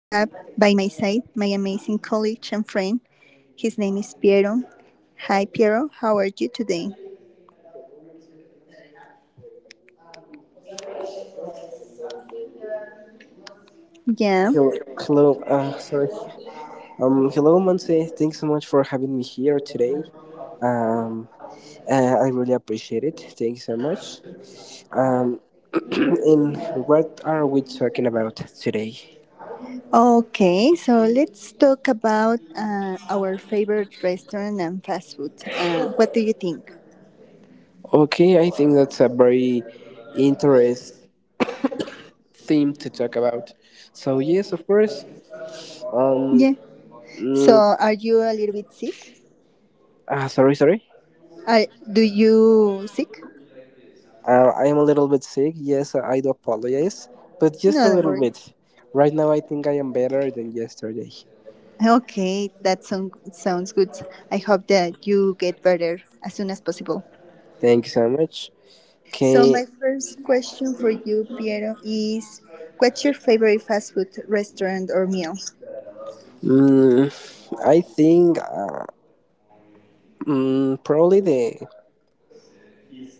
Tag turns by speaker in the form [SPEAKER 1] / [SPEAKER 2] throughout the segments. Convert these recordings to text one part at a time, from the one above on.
[SPEAKER 1] by my side my amazing colleague and friend. His name is Piero. Hi, Piero. How are you today? Yeah.
[SPEAKER 2] Hello, hello. Sorry. Hello, Monse. Thanks so much for having me here today. Um, I really appreciate it. Thank you so much. Um, and what are we talking about today?
[SPEAKER 1] Okay, so let's talk about our favorite restaurant and fast food. What do you think?
[SPEAKER 2] Okay, I think that's a very interesting theme to talk about. So yes, of course. Um,
[SPEAKER 1] Yeah. So,
[SPEAKER 2] mm,
[SPEAKER 1] are you a little bit sick?
[SPEAKER 2] Sorry, sorry.
[SPEAKER 1] Do you sick?
[SPEAKER 2] I am a little bit sick. Yes, I do apologize, but just
[SPEAKER 1] No,
[SPEAKER 2] a
[SPEAKER 1] don't
[SPEAKER 2] little
[SPEAKER 1] worry.
[SPEAKER 2] bit. Right now, I think I am better than yesterday.
[SPEAKER 1] Okay, that sounds good. I hope that you get better as soon as possible.
[SPEAKER 2] Thank you so much.
[SPEAKER 1] So,
[SPEAKER 2] Okay,
[SPEAKER 1] my first question for you, Piero, is what's your favorite fast food restaurant or meal?
[SPEAKER 2] mm, I think probably the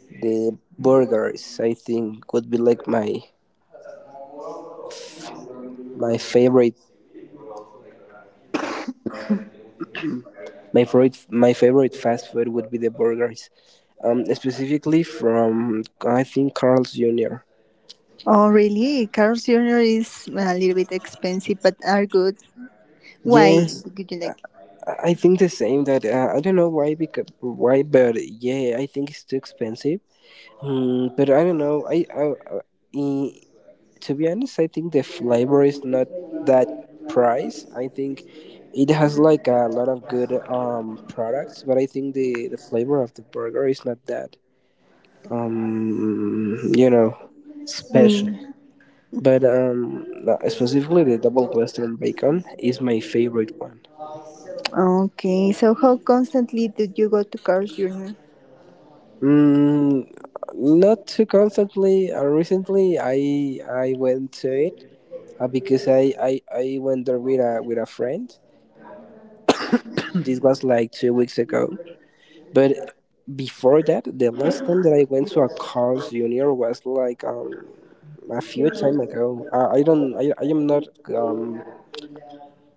[SPEAKER 2] the burgers. I think would be like my favorite my favorite my favorite fast food would be the burgers. Specifically from I think Carl's Jr.
[SPEAKER 1] Oh, really? Carl's Jr. is a little bit expensive, but are good. Why
[SPEAKER 2] Yes,
[SPEAKER 1] do you like it?
[SPEAKER 2] I think the same. That I don't know why but yeah, I think it's too expensive. Hmm, but I don't know. I, to be honest, I think the flavor is not that price. I think it has like a lot of good products, but I think the flavor of the burger is not that um, special.
[SPEAKER 1] Mm.
[SPEAKER 2] But no, specifically the double western bacon is my favorite one.
[SPEAKER 1] Okay, so how constantly did you go to Carl's Jr.?
[SPEAKER 2] Mm, Not too constantly. Recently, I went to it because I went there with a friend. This was like 2 weeks ago. But before that, the last time that I went to a Carl's Junior was like a few time ago. I don't I am not um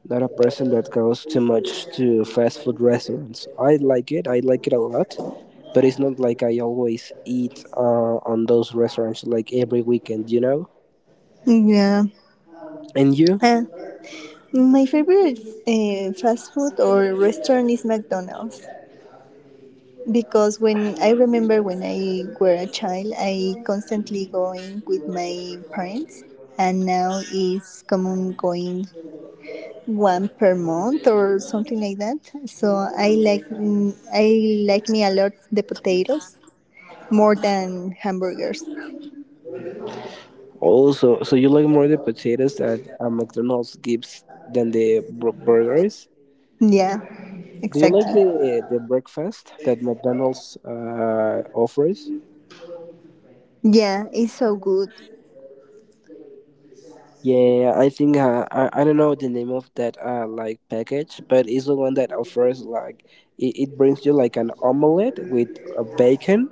[SPEAKER 2] not a person that goes too much to fast food restaurants. I like it. I like it a lot. But it's not like I always eat on those restaurants like every weekend, you know.
[SPEAKER 1] Yeah.
[SPEAKER 2] And you
[SPEAKER 1] Uh, my favorite fast food or restaurant is McDonald's, because when I remember when I were a child, I constantly going with my parents, and now it's common going one per month or something like that. So I like me a lot the potatoes more than hamburgers.
[SPEAKER 2] also, so you like more the potatoes that McDonald's gives than the burgers?
[SPEAKER 1] Yeah,
[SPEAKER 2] Do you like
[SPEAKER 1] exactly.
[SPEAKER 2] the breakfast that McDonald's offers?
[SPEAKER 1] Yeah, it's so good.
[SPEAKER 2] Yeah, I think I don't know the name of that like package, but it's the one that offers like it brings you like an omelette with a bacon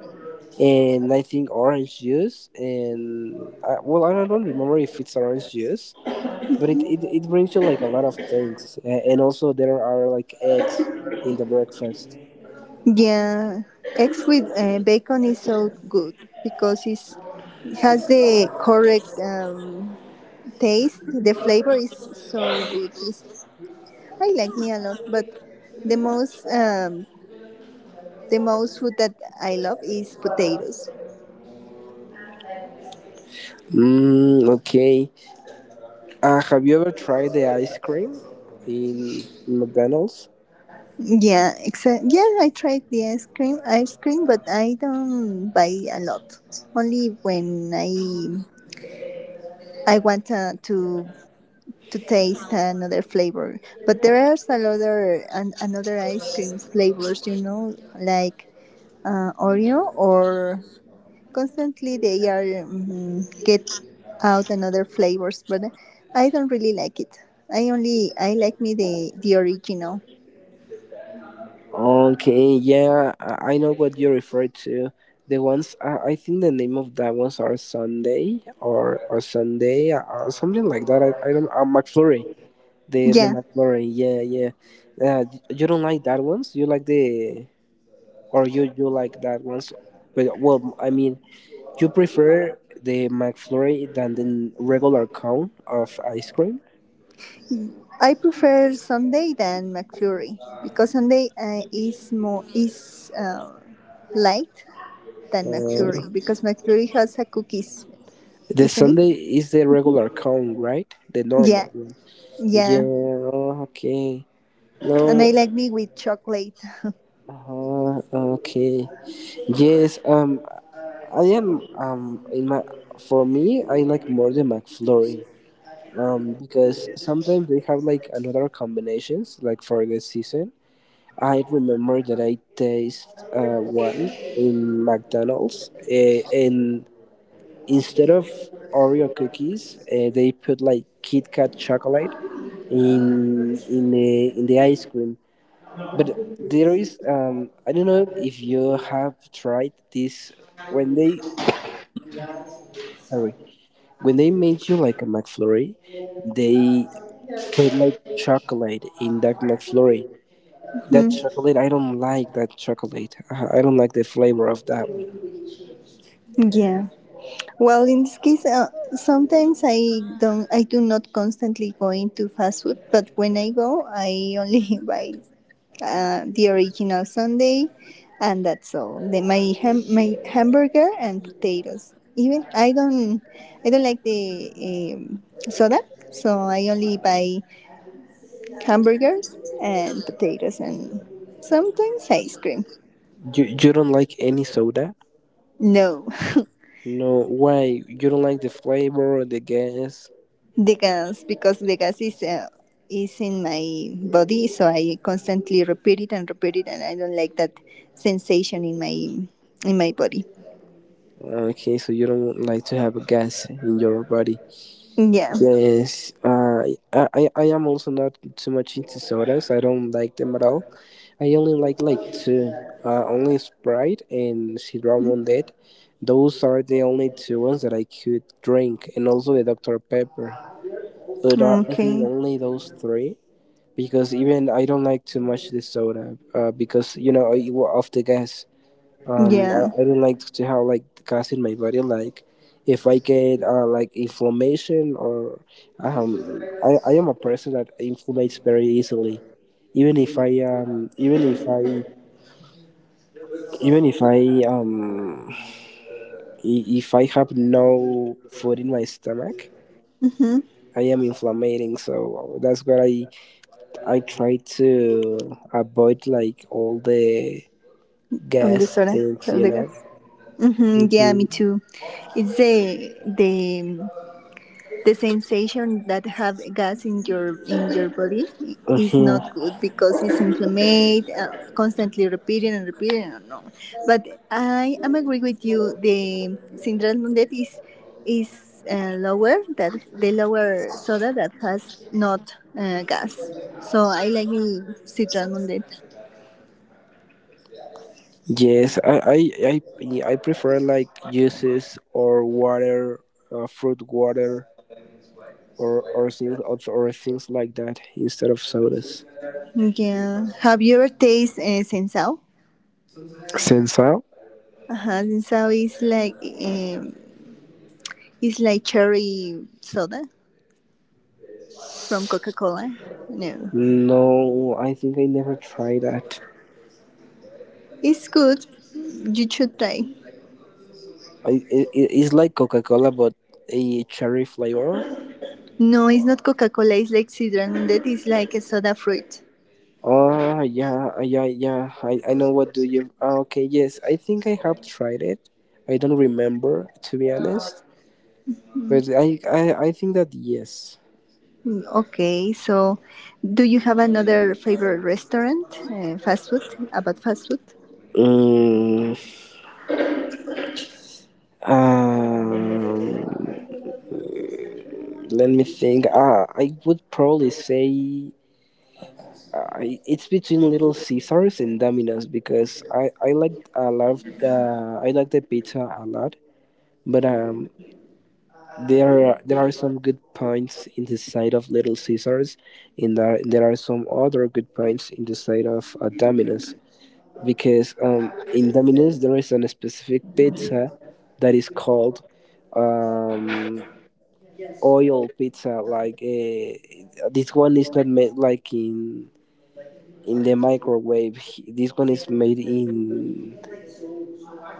[SPEAKER 2] and I think orange juice and well I don't remember if it's orange juice, but it brings you like a lot of things, and also there are like eggs in the breakfast.
[SPEAKER 1] Yeah, eggs with bacon is so good because it's has the correct taste. The flavor is so good. I like me a lot, but the most food that I love is potatoes.
[SPEAKER 2] Okay. Have you ever tried the ice cream in McDonald's?
[SPEAKER 1] Yeah, exact. Yeah, I tried the ice cream, but I don't buy a lot. Only when I want to taste another flavor. But there are some other another ice cream flavors, like Oreo or constantly they are get out another flavors, but I don't really like it. I like me the original.
[SPEAKER 2] Okay, yeah, I know what you refer to. The ones I think the name of that ones are Sunday or Sunday or something like that. I don't. McFlurry, the
[SPEAKER 1] Yeah,
[SPEAKER 2] McFlurry. Yeah, yeah. Uh, you don't like that ones. You like the or you like that ones. But well, I mean, you prefer the McFlurry than the regular cone of ice cream.
[SPEAKER 1] I prefer Sunday than McFlurry because Sunday is more is light than
[SPEAKER 2] Uh,
[SPEAKER 1] McFlurry because McFlurry has a cookies,
[SPEAKER 2] The
[SPEAKER 1] isn't it?
[SPEAKER 2] Sunday is the regular count, right? The
[SPEAKER 1] Yeah,
[SPEAKER 2] normal one.
[SPEAKER 1] yeah,
[SPEAKER 2] Yeah, okay.
[SPEAKER 1] and I
[SPEAKER 2] No,
[SPEAKER 1] like me with chocolate.
[SPEAKER 2] uh, okay. Yes, I am, in my, for me, I like more the McFlurry. Because sometimes they have like another combinations, like for the season. I remember that I taste one in McDonald's, and instead of Oreo cookies, they put like Kit Kat chocolate in the ice cream. But there is I don't know if you have tried this when they sorry when they made you like a McFlurry, they put like chocolate in that McFlurry. That
[SPEAKER 1] Mhm.
[SPEAKER 2] chocolate I don't like that chocolate. I don't like the flavor of that one.
[SPEAKER 1] Yeah. Well, in this case, sometimes I don't, I do not constantly go into fast food, but when I go, I only buy the original Sunday, and that's all. My hamburger and potatoes. Even I don't like the um, soda, so I only buy hamburgers and potatoes, and sometimes ice cream.
[SPEAKER 2] You don't like any soda?
[SPEAKER 1] No.
[SPEAKER 2] No, why? You don't like the flavor, the gas?
[SPEAKER 1] The gas, because the gas is in my body, so I constantly repeat it, and I don't like that sensation in my body.
[SPEAKER 2] Okay, so you don't like to have gas in your body.
[SPEAKER 1] Yeah.
[SPEAKER 2] Yes, I, I am also not too much into sodas. I don't like them at all. I only like two, only Sprite and Sidra Mondet. Those are the only two ones that I could drink, and also the Dr Pepper. But I think
[SPEAKER 1] Okay.
[SPEAKER 2] only those three because even I don't like too much the soda, because you know of the gas. um I,
[SPEAKER 1] Yeah.
[SPEAKER 2] I don't like to have like gas in my body like if I get like inflammation or I am a person that inflammates very easily even if I even if I even if I I- if I have no food in my stomach
[SPEAKER 1] Mhm.
[SPEAKER 2] I am inflammating so that's what i try to avoid like all the
[SPEAKER 1] All
[SPEAKER 2] gas
[SPEAKER 1] the soda,
[SPEAKER 2] things,
[SPEAKER 1] all
[SPEAKER 2] you
[SPEAKER 1] the
[SPEAKER 2] know.
[SPEAKER 1] gas. Mhm. Yeah, me too. It's the sensation that have gas in your body is
[SPEAKER 2] Hmm
[SPEAKER 1] not good because it's inflamed constantly repeating and repeating and no, but I am agree with you, the syndrome that is lower, that the lower soda that has not gas, so I like the citron mundet.
[SPEAKER 2] Yes, yeah, I prefer like juices or water, fruit water or things like that instead of sodas.
[SPEAKER 1] Yeah, have you ever tasted sensao?
[SPEAKER 2] Sensao?
[SPEAKER 1] Uh-huh. Sensao is like um, it's like cherry soda from Coca-Cola? No.
[SPEAKER 2] No, I think I never tried that.
[SPEAKER 1] It's good. You should try.
[SPEAKER 2] I it's like Coca Cola but a cherry flavor.
[SPEAKER 1] No, it's not Coca-Cola. It's like Sidra Mundet. It's like a soda fruit.
[SPEAKER 2] Oh yeah, yeah. I know what do you. Ah, okay, yes, I think I have tried it. I don't remember to be honest, but I think that yes.
[SPEAKER 1] Mm, okay, so do you have another favorite restaurant? Fast food? About fast food?
[SPEAKER 2] Mm, Um, Let me think. Ah, I would probably say I, it's between Little Caesars and Domino's because I like I love I like the pizza a lot, but There are some good points in the side of Little Caesars, and there are some other good points in the side of Domino's. Because in Domino's there is a specific pizza that is called um, oil pizza like this one is not made like in the microwave. This one is made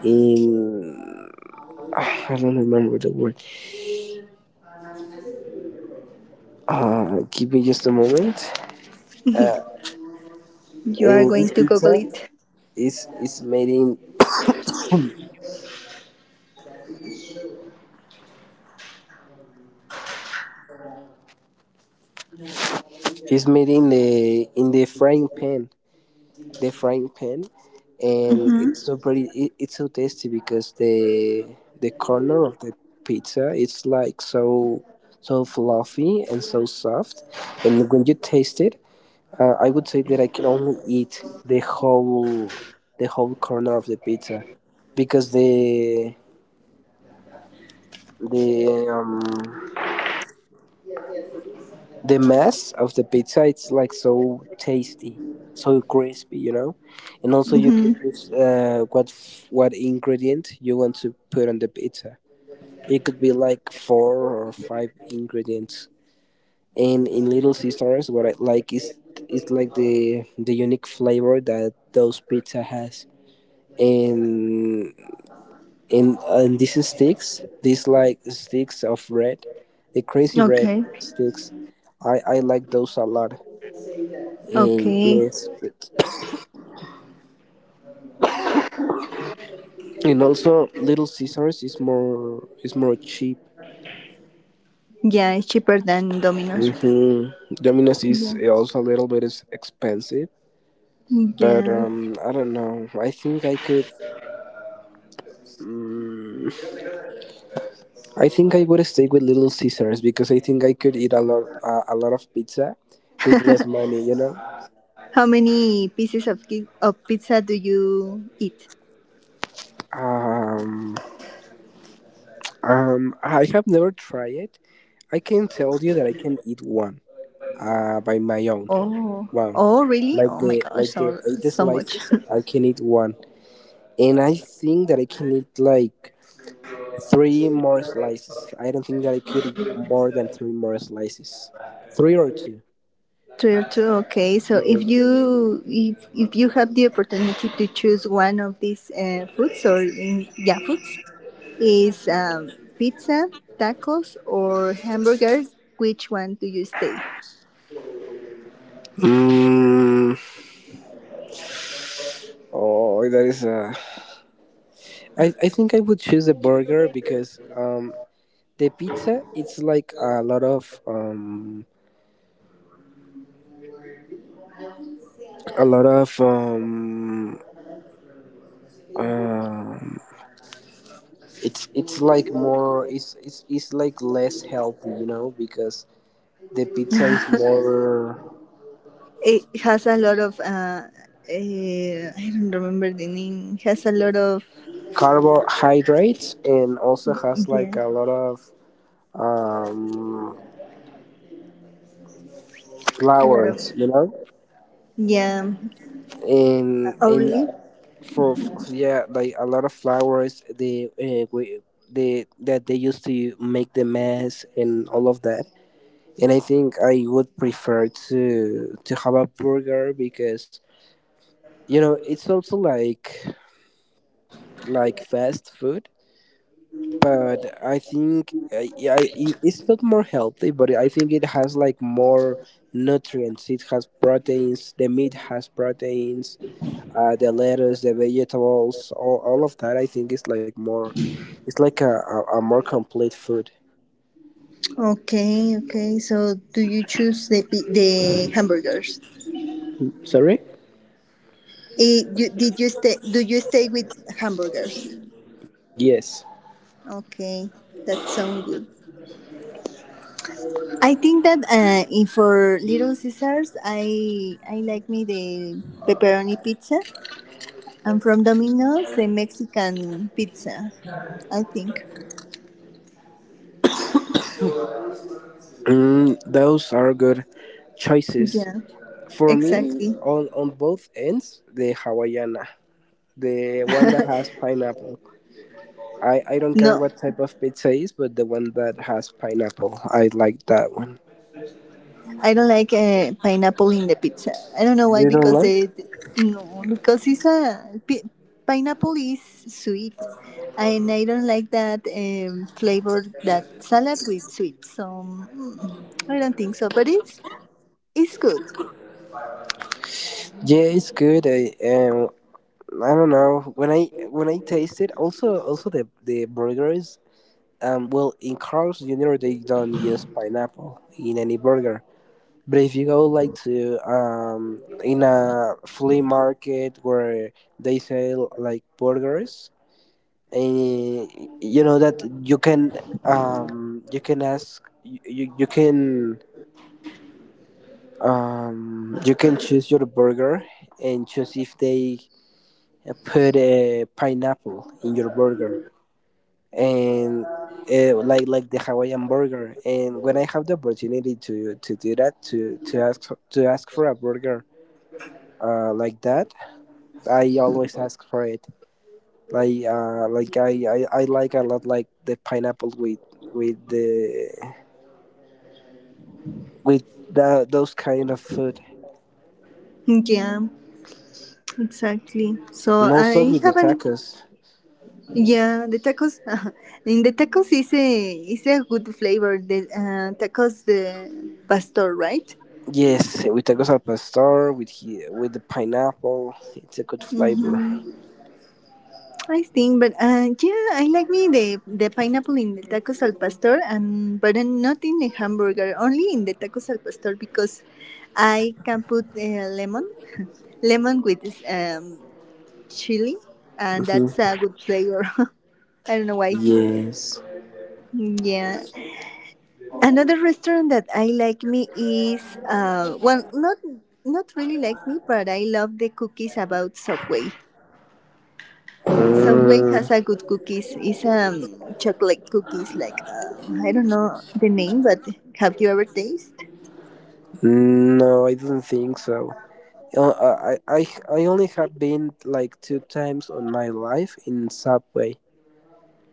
[SPEAKER 2] in I don't remember the word. Give me just a moment. uh,
[SPEAKER 1] You are going
[SPEAKER 2] this
[SPEAKER 1] to Google
[SPEAKER 2] pizza
[SPEAKER 1] it.
[SPEAKER 2] is is made in is made in the frying pan, the frying pan, and it's
[SPEAKER 1] Mm-hmm.
[SPEAKER 2] so pretty. It's so tasty because the corner of the pizza it's like so so fluffy and so soft, and when you taste it, I would say that I can only eat the whole corner of the pizza because the um the mess of the pizza it's like so tasty, so crispy, you know. And also you can
[SPEAKER 1] Mm-hmm.
[SPEAKER 2] choose what ingredient you want to put on the pizza. It could be like 4 or 5 ingredients. And in little sisters what I like is like the unique flavor that those pizza has. and and these sticks, these like sticks of bread, the crazy bread
[SPEAKER 1] Okay.
[SPEAKER 2] sticks, i like those a lot. And
[SPEAKER 1] Okay.
[SPEAKER 2] yes, but and also Little Caesars is more cheap.
[SPEAKER 1] Yeah, it's cheaper than Domino's.
[SPEAKER 2] Hmm. Domino's is
[SPEAKER 1] Yeah.
[SPEAKER 2] also a little bit is expensive, but
[SPEAKER 1] Yeah.
[SPEAKER 2] I don't know. I think I could. mm, I think I would stay with Little Caesars because I think I could eat a lot of pizza with less money. You know.
[SPEAKER 1] How many pieces of of pizza do you eat?
[SPEAKER 2] Um, I have never tried it. I can tell you that I can eat one by my own.
[SPEAKER 1] Oh,
[SPEAKER 2] One.
[SPEAKER 1] oh, really? Oh my gosh,
[SPEAKER 2] Like the
[SPEAKER 1] so
[SPEAKER 2] eight
[SPEAKER 1] so much.
[SPEAKER 2] slices, I can eat one, and I think that I can eat like 3 more slices. I don't think that I could eat more than 3 more slices. 3 or 2.
[SPEAKER 1] True, true. Okay, so
[SPEAKER 2] Yeah.
[SPEAKER 1] if you have the opportunity to choose one of these foods or yeah, foods is pizza, tacos, or hamburger. Which one do you stay?
[SPEAKER 2] Mm, oh, that is a. I think I would choose a burger because the pizza it's like a lot of a lot of. um it's like more it's like less healthy, you know, because the pizza is more
[SPEAKER 1] It has a lot of I don't remember the name. It has a lot of,
[SPEAKER 2] carbohydrates and also has
[SPEAKER 1] yeah,
[SPEAKER 2] like a lot of um
[SPEAKER 1] a lot
[SPEAKER 2] flowers,
[SPEAKER 1] of,
[SPEAKER 2] you know,
[SPEAKER 1] yeah. Oh,
[SPEAKER 2] and
[SPEAKER 1] really?
[SPEAKER 2] yeah, like a lot of flowers they that they used to make the mess and all of that. And I think I would prefer to have a burger because you know it's also like fast food but I think yeah, it's not more healthy but I think it has like more nutrients. It has proteins, the meat has proteins. The lettuce, the vegetables, all of that I think is like more, it's like a more complete food.
[SPEAKER 1] Okay, okay. So, do you choose the the hamburgers?
[SPEAKER 2] Sorry.
[SPEAKER 1] Did you stay? Do you stay with hamburgers?
[SPEAKER 2] Yes.
[SPEAKER 1] Okay, that sounds good. I think that in for Little Caesars, I like me the pepperoni pizza, and from Domino's the Mexican pizza. I think.
[SPEAKER 2] Those are good choices.
[SPEAKER 1] Yeah,
[SPEAKER 2] For me
[SPEAKER 1] exactly.
[SPEAKER 2] on both ends the hawaiiana, the one that has pineapple. I don't care
[SPEAKER 1] No.
[SPEAKER 2] what type of pizza is, but the one that has pineapple, I like that one.
[SPEAKER 1] I don't like pineapple in the pizza. I don't know why
[SPEAKER 2] You don't
[SPEAKER 1] because
[SPEAKER 2] like?
[SPEAKER 1] they, no, because it's pineapple is sweet, and I don't like that flavor that salad with sweet. So I don't think so, but it's good.
[SPEAKER 2] Yeah, it's good. I don't know. When I taste it, also the burgers. Well, in Carl's Jr. they don't use pineapple in any burger. But if you go like to in a flea market where they sell like burgers, you know that you can ask you can you can choose your burger and choose if they put a pineapple in your burger and like the Hawaiian burger. And when I have the opportunity to do that to ask to ask for a burger like that, I always ask for it. Like like I like a lot like the pineapple with the with that those kind of food,
[SPEAKER 1] Yeah, exactly. So
[SPEAKER 2] and also
[SPEAKER 1] I
[SPEAKER 2] with the
[SPEAKER 1] haven't.
[SPEAKER 2] tacos.
[SPEAKER 1] Yeah, the tacos. In the tacos is a good flavor. The tacos the pastor, right?
[SPEAKER 2] Yes, with tacos al pastor, with he, with the pineapple, it's a good flavor.
[SPEAKER 1] Mm-hmm. I think, but yeah, I like me the pineapple in the tacos al pastor, and but not in the hamburger, only in the tacos al pastor because I can put lemon, lemon with chili, and that's
[SPEAKER 2] Hmm.
[SPEAKER 1] a good flavor. I don't know why.
[SPEAKER 2] Yes.
[SPEAKER 1] Yeah. Another restaurant that I like me is well, not really like me, but I love the cookies about Subway. Subway
[SPEAKER 2] Uh,
[SPEAKER 1] has a good cookies. It's chocolate cookies, like I don't know the name, but have you ever tasted?
[SPEAKER 2] no, I don't think so. I only have been like two times on my life in Subway.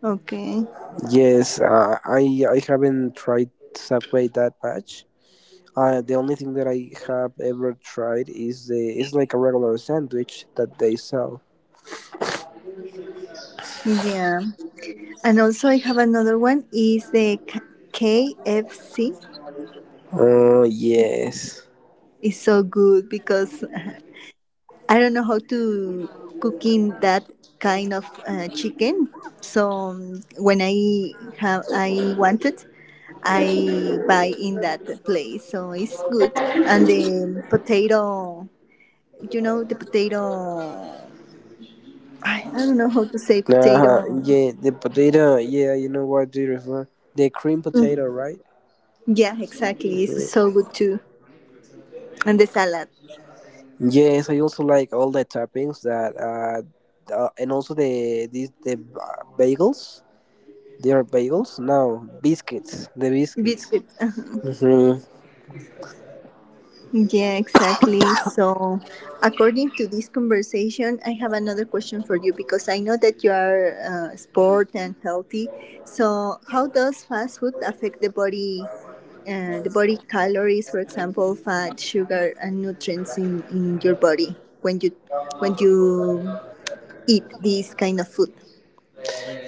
[SPEAKER 1] Okay,
[SPEAKER 2] Yes, I haven't tried Subway that much. The only thing that I have ever tried is the it's like a regular sandwich that they sell.
[SPEAKER 1] yeah. And also, I have another one. Is the KFC?
[SPEAKER 2] Oh yes.
[SPEAKER 1] It's so good because I don't know how to cooking that kind of chicken. So when I wanted, I buy in that place. So it's good. And the potato, I don't know how to say potato.
[SPEAKER 2] Yeah, the potato. Yeah, you know what do you refer? The cream potato,
[SPEAKER 1] Mm,
[SPEAKER 2] right?
[SPEAKER 1] yeah, exactly, it's
[SPEAKER 2] Mhm.
[SPEAKER 1] so good too, and the salad.
[SPEAKER 2] Yes, I also like all the toppings that and also these bagels. They are bagels? No, biscuits. The biscuits.
[SPEAKER 1] Biscuits.
[SPEAKER 2] Hmm.
[SPEAKER 1] Yeah, exactly. So, according to this conversation, I have another question for you because I know that you are sport and healthy. So, how does fast food affect the body calories, for example, fat, sugar, and nutrients in your body when you eat this kind of food?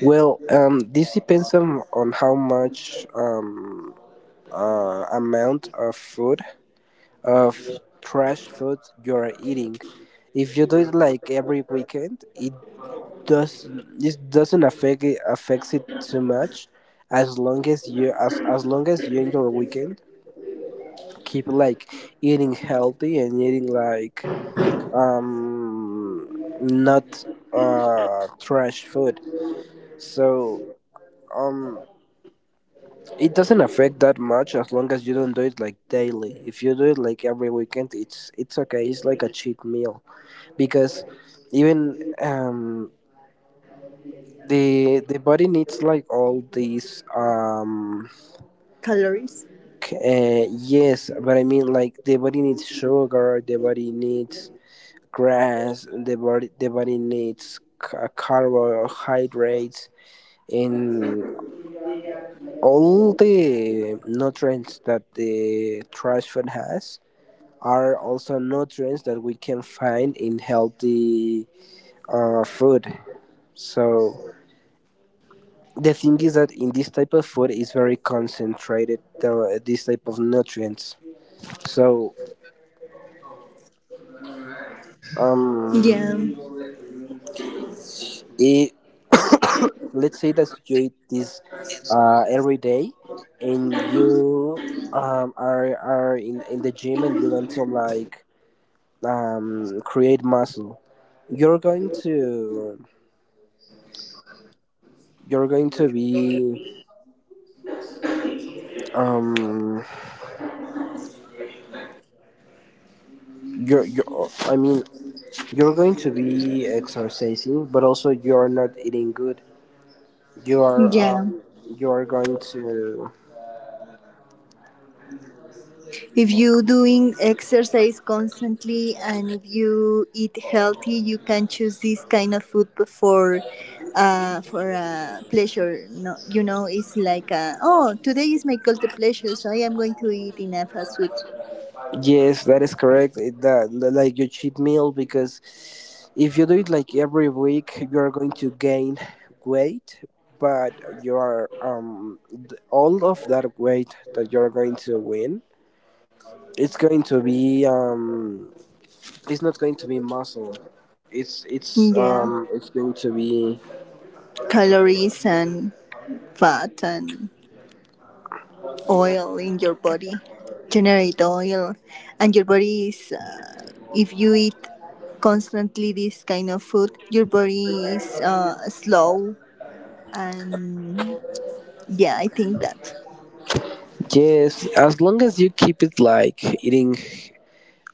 [SPEAKER 2] Well, this depends on how much amount of food of fresh food you're eating. If you do it like every weekend, it does, it doesn't affect, it affects it too much. As long as you, as long as you in your weekend keep like eating healthy and eating like um not trash food. so um It doesn't affect that much as long as you don't do it like daily. If you do it like every weekend, it's okay. It's like a cheat meal because even the body needs like all these
[SPEAKER 1] Calories.
[SPEAKER 2] c- uh, yes, but I mean like the body needs sugar, the body needs grass, the body needs carbohydrates. And all the nutrients that the trash food has are also nutrients that we can find in healthy food. So the thing is that in this type of food is very concentrated this type of nutrients. So um,
[SPEAKER 1] Yeah,
[SPEAKER 2] it, let's say that you eat this every day, and you are in the gym and you want to like create muscle. You're going to, you're going to be um you're, I mean, you're going to be exercising, but also you're not eating good. You are
[SPEAKER 1] yeah.
[SPEAKER 2] um, you are going to,
[SPEAKER 1] If you doing exercise constantly, and if you eat healthy, you can choose this kind of food for pleasure, no, it's like, oh, today is my guilty pleasure, so I am going to eat in a fast food.
[SPEAKER 2] yes, that is correct. It, that like your cheat meal, because if you do it like every week, you are going to gain weight, but you are all of that weight that you are going to win, it's going to be it's not going to be muscle. It's it's
[SPEAKER 1] Yeah,
[SPEAKER 2] um it's going to be,
[SPEAKER 1] calories and fat and oil in your body, generate oil, and your body is if you eat constantly this kind of food, your body is slow, and yeah, I think that
[SPEAKER 2] yes, as long as you keep it like eating,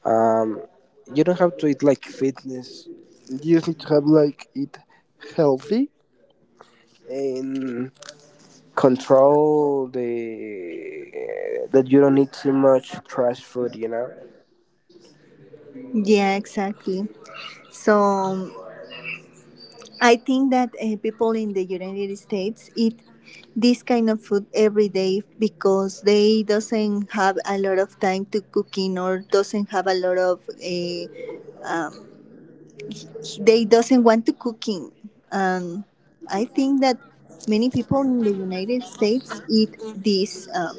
[SPEAKER 2] um, you don't have to eat like fitness. You just need to have like eat healthy and control the that you don't eat too much trash food. You know.
[SPEAKER 1] yeah, exactly. So I think that people in the United States eat this kind of food every day because they doesn't have a lot of time to cooking, or doesn't have a lot of they doesn't want to cooking. And I think that many people in the United States eat this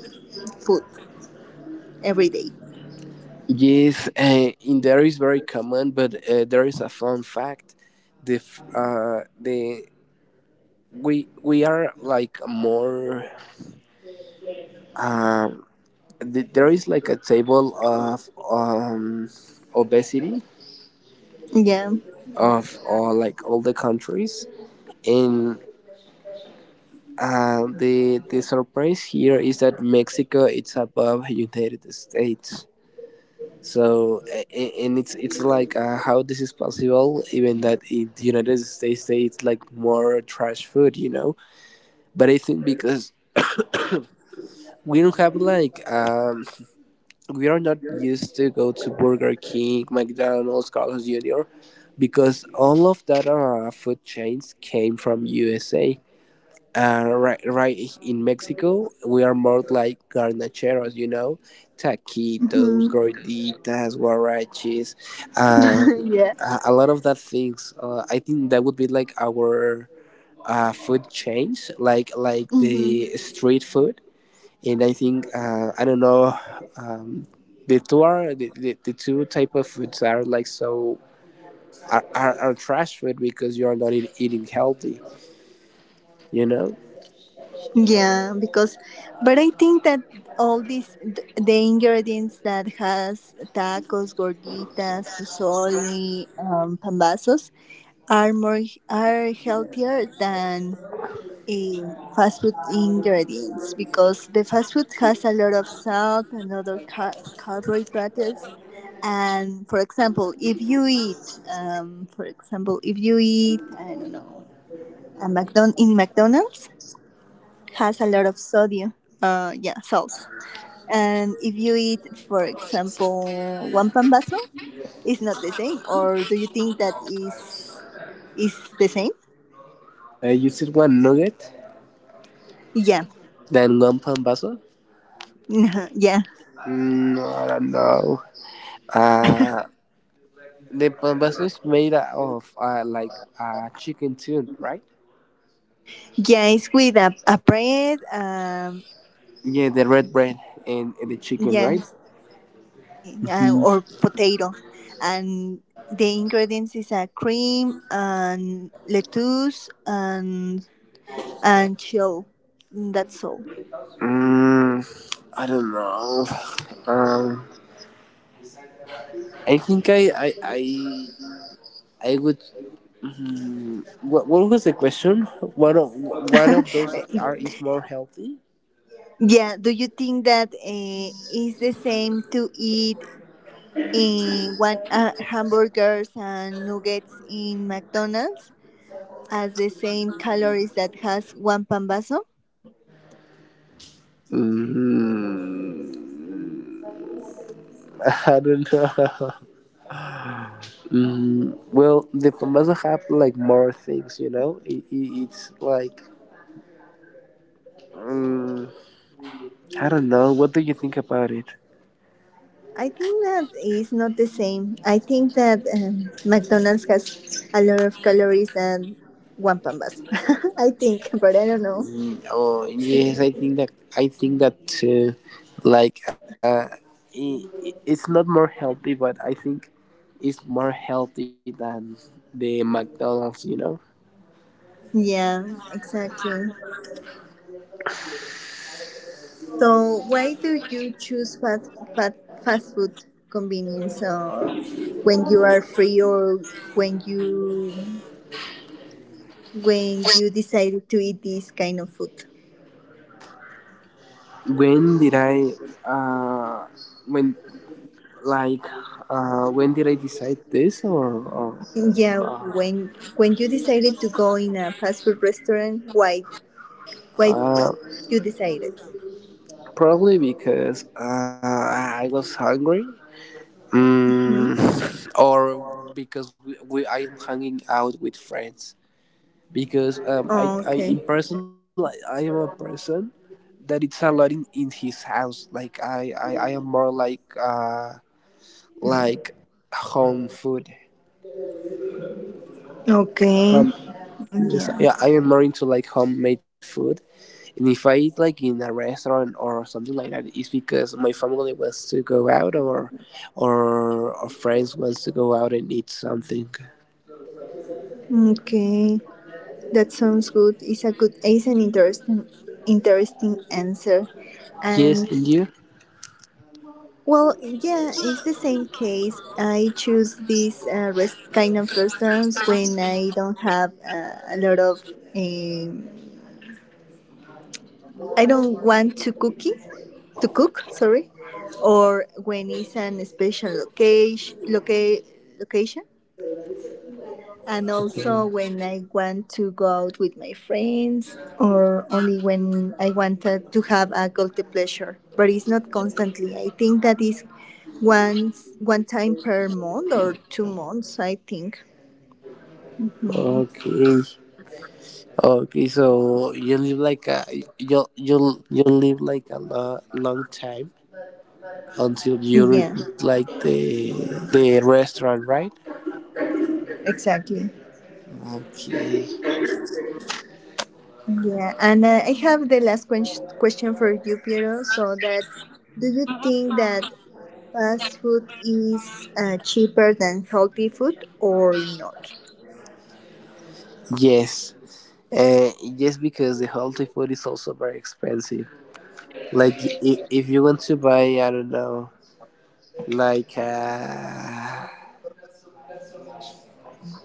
[SPEAKER 1] food every day.
[SPEAKER 2] Yes, in there is very common, but there is a fun fact. The we are like more. There is like a table of obesity
[SPEAKER 1] Yeah.
[SPEAKER 2] of all like all the countries. And the surprise here is that Mexico it's above United States. So and it's like how this is possible, even that in the United States they eat like more trash food, you know. But I think because we don't have like we are not used to go to Burger King, McDonald's, Carl's Jr. Because all of that food chains came from USA. Right in Mexico, we are more like garnacheros, you know, taquitos,
[SPEAKER 1] Hmm.
[SPEAKER 2] gorditas, guaraches, um,
[SPEAKER 1] Yeah.
[SPEAKER 2] a lot of that things. I think that would be like our food chains, like the
[SPEAKER 1] Mm-hmm.
[SPEAKER 2] street food. And I think I don't know, um, the two are the two type of foods are like so are, are trash food because you are not eating healthy. You know.
[SPEAKER 1] Yeah, because, but I think that all these the ingredients that has tacos, gorditas, pozole, pambazos are more are healthier than fast food ingredients because the fast food has a lot of salt and other carbohydrates. And for example, if you eat, for example, if you eat, I don't know, in McDonald's has a lot of sodium, yeah, salt. And if you eat, for example, one pan vaso, it's not the same. Or do you think that is the same?
[SPEAKER 2] You said one nugget,
[SPEAKER 1] Yeah,
[SPEAKER 2] then one pan vaso.
[SPEAKER 1] yeah,
[SPEAKER 2] Mm, I don't know. Uh, the pan vaso is made of like chicken tune, right?
[SPEAKER 1] yeah. It's with a bread.
[SPEAKER 2] Yeah, the red bread and the chicken,
[SPEAKER 1] Yeah,
[SPEAKER 2] right?
[SPEAKER 1] exactly. Or potato, and the ingredients is a cream and lettuce and shell. That's all.
[SPEAKER 2] Mm, I don't know. Um, I think I. I would. Mm, what was the question? One of one of those are is more healthy.
[SPEAKER 1] Yeah, do you think that it's the same to eat in one hamburgers and nuggets in McDonald's as the same calories that has one pambazo?
[SPEAKER 2] Mm, I don't know. Mm, well, the famosa have like more things, you know. It, it's like mm, I don't know. What do you think about it?
[SPEAKER 1] I think that is not the same. I think that McDonald's has a lot of calories than one pambazo. I think, but I don't know.
[SPEAKER 2] Mm, oh yes, I think that too. Like it's not more healthy, but I think it's more healthy than the McDonald's. You know.
[SPEAKER 1] Yeah, exactly. So why do you choose fast food convenience when you are free or when you decided to eat this kind of food?
[SPEAKER 2] When did I, uh, when like when did I decide this, or
[SPEAKER 1] Yeah, when you decided to go in a fast food restaurant, why
[SPEAKER 2] uh,
[SPEAKER 1] you decided?
[SPEAKER 2] probably because I was hungry,
[SPEAKER 1] Hmm?
[SPEAKER 2] mm, or because we I am hanging out with friends. Because
[SPEAKER 1] Oh,
[SPEAKER 2] I
[SPEAKER 1] okay.
[SPEAKER 2] in person like, I am a person that it's a lot in his house. Like I am more like like home food.
[SPEAKER 1] Okay.
[SPEAKER 2] Um, yes, yeah,
[SPEAKER 1] Yeah.
[SPEAKER 2] I am more into like homemade food, and if I eat like in a restaurant or something like that, it's because my family wants to go out, or, or friends wants to go out and eat something.
[SPEAKER 1] Okay. That sounds good. It's a good. It's an interesting answer.
[SPEAKER 2] Yes,
[SPEAKER 1] And,
[SPEAKER 2] and you?
[SPEAKER 1] well, yeah, it's the same case. I choose these rest kind of restaurants when I don't have a lot of. Um, I don't want to cook. Sorry, or when it's an special location, location. And also when I want to go out with my friends, or only when I wanted to have a guilty pleasure. But it's not constantly. I think that is once one time per month or 2 months, I think.
[SPEAKER 2] Okay. Okay, so you live like a, you live like a long time until you
[SPEAKER 1] Yeah.
[SPEAKER 2] repeat like the restaurant, right?
[SPEAKER 1] Exactly.
[SPEAKER 2] Okay.
[SPEAKER 1] Yeah, and I have the last question for you, Piero. So that do you think that fast food is cheaper than healthy food or not?
[SPEAKER 2] Yes. Uh, just because the healthy food is also very expensive. Like if you want to buy, I don't know, like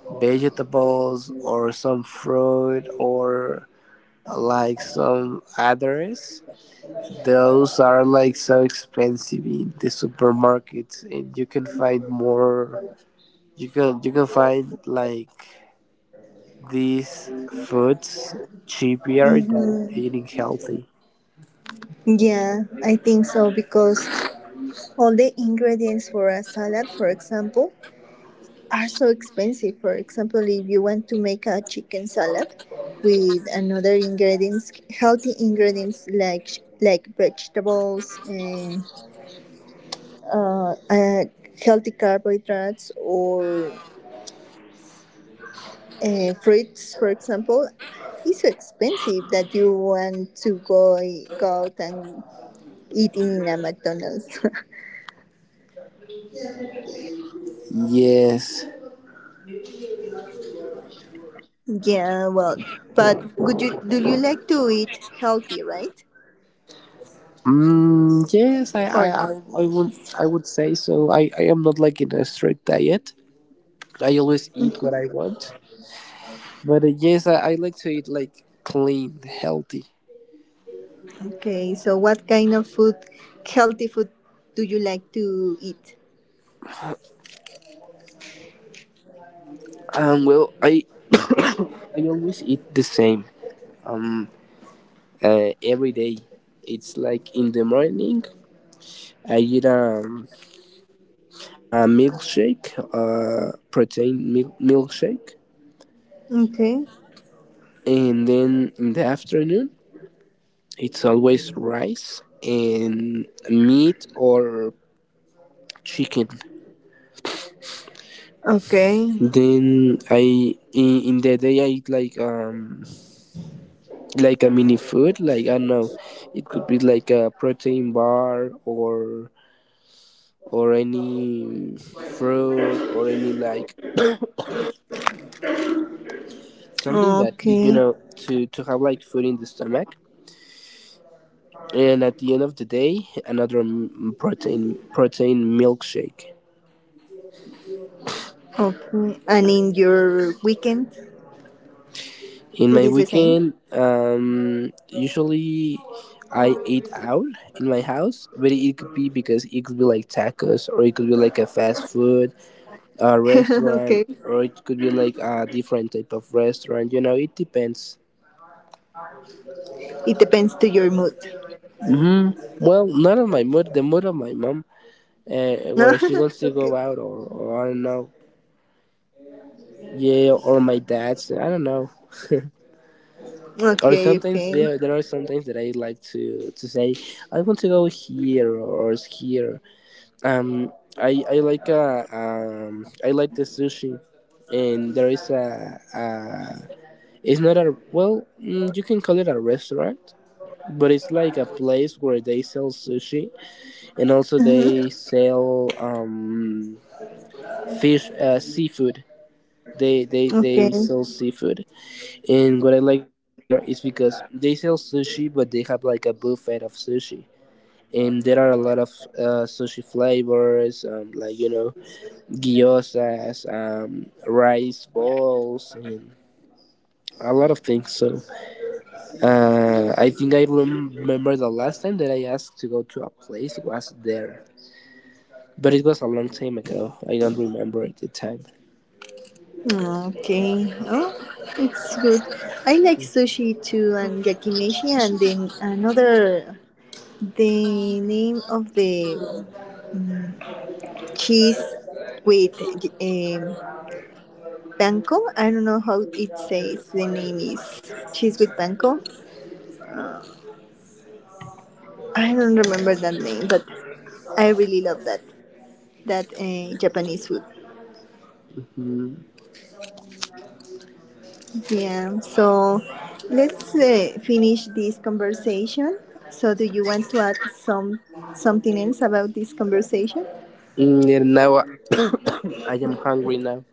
[SPEAKER 2] vegetables or some fruit or like some others, those are like so expensive in the supermarkets, and you can find more. You can find like these foods cheaper than
[SPEAKER 1] Mm-hmm.
[SPEAKER 2] eating healthy.
[SPEAKER 1] Yeah, I think so because all the ingredients for a salad, for example, are so expensive. For example, if you want to make a chicken salad with another ingredients, healthy ingredients like vegetables and uh, uh, healthy carbohydrates or fruits, for example, it's so expensive that you want to go out and eating in a McDonald's.
[SPEAKER 2] Yes.
[SPEAKER 1] Yeah, well, but would you do you like to eat healthy, right?
[SPEAKER 2] Mm, yes,
[SPEAKER 1] Or
[SPEAKER 2] I would say so. I am not like in a strict diet. I always eat what I want, but yes, I like to eat like clean, healthy.
[SPEAKER 1] Okay, so what kind of food, healthy food, do you like to eat?
[SPEAKER 2] Um, well, I, I always eat the same. Um, every day, it's like in the morning. I eat a milkshake, protein milkshake,
[SPEAKER 1] Okay,
[SPEAKER 2] and then in the afternoon it's always rice and meat or chicken.
[SPEAKER 1] okay,
[SPEAKER 2] Then I in the day I eat like a mini food, like I don't know, it could be like a protein bar or any fruit or any like something that you
[SPEAKER 1] okay,
[SPEAKER 2] know, to have like food in the stomach. And at the end of the day, another protein protein milkshake.
[SPEAKER 1] okay. And in your weekend,
[SPEAKER 2] In
[SPEAKER 1] it
[SPEAKER 2] my
[SPEAKER 1] is the same.
[SPEAKER 2] weekend, usually I eat out in my house, but it could be, because it could be like tacos, or it could be like a fast food, a restaurant,
[SPEAKER 1] Okay,
[SPEAKER 2] or it could be like a different type of restaurant. You know, it depends.
[SPEAKER 1] it depends to your mood.
[SPEAKER 2] Hmm. Well, not on my mood, the mood of my mom, where she wants to
[SPEAKER 1] Okay,
[SPEAKER 2] go out, or I don't know. Yeah, or my dad's, I don't know. Or
[SPEAKER 1] okay,
[SPEAKER 2] sometimes
[SPEAKER 1] okay.
[SPEAKER 2] there are sometimes that I like to say I want to go here or, here. Um, I like the sushi, and there is a, it's not a well mm, you can call it a restaurant, but it's like a place where they sell sushi and also
[SPEAKER 1] Hmm.
[SPEAKER 2] they sell fish seafood. They
[SPEAKER 1] Okay.
[SPEAKER 2] sell seafood. And what I like to do there is because they sell sushi, but they have like a buffet of sushi. And there are a lot of sushi flavors, like you know, gyozas, rice balls, and a lot of things. So I think I remember the last time that I asked to go to a place was there, but it was a long time ago. I don't remember at the time.
[SPEAKER 1] Ah, okay. Oh, it's good. I like sushi too, and yakimeshi, and then another, the name of the cheese with um, panko. I don't know how it says. The name is cheese with panko. I don't remember that name, but I really love that Japanese food.
[SPEAKER 2] Mm,
[SPEAKER 1] Yeah, so let's finish this conversation. So, do you want to add something else about this conversation?
[SPEAKER 2] and now I, I am hungry now.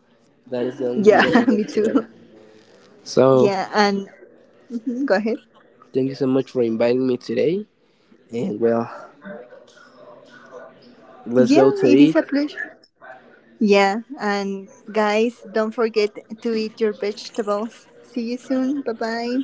[SPEAKER 2] That is the only thing that
[SPEAKER 1] Yeah,
[SPEAKER 2] I
[SPEAKER 1] me
[SPEAKER 2] want to like.
[SPEAKER 1] too.
[SPEAKER 2] So
[SPEAKER 1] Yeah, and, mhm, go ahead.
[SPEAKER 2] thank you so much for inviting me today. And well, let's go
[SPEAKER 1] Yeah,
[SPEAKER 2] to
[SPEAKER 1] it is
[SPEAKER 2] eat.
[SPEAKER 1] a pleasure. Yeah, and guys, don't forget to eat your vegetables. See you soon. Bye bye.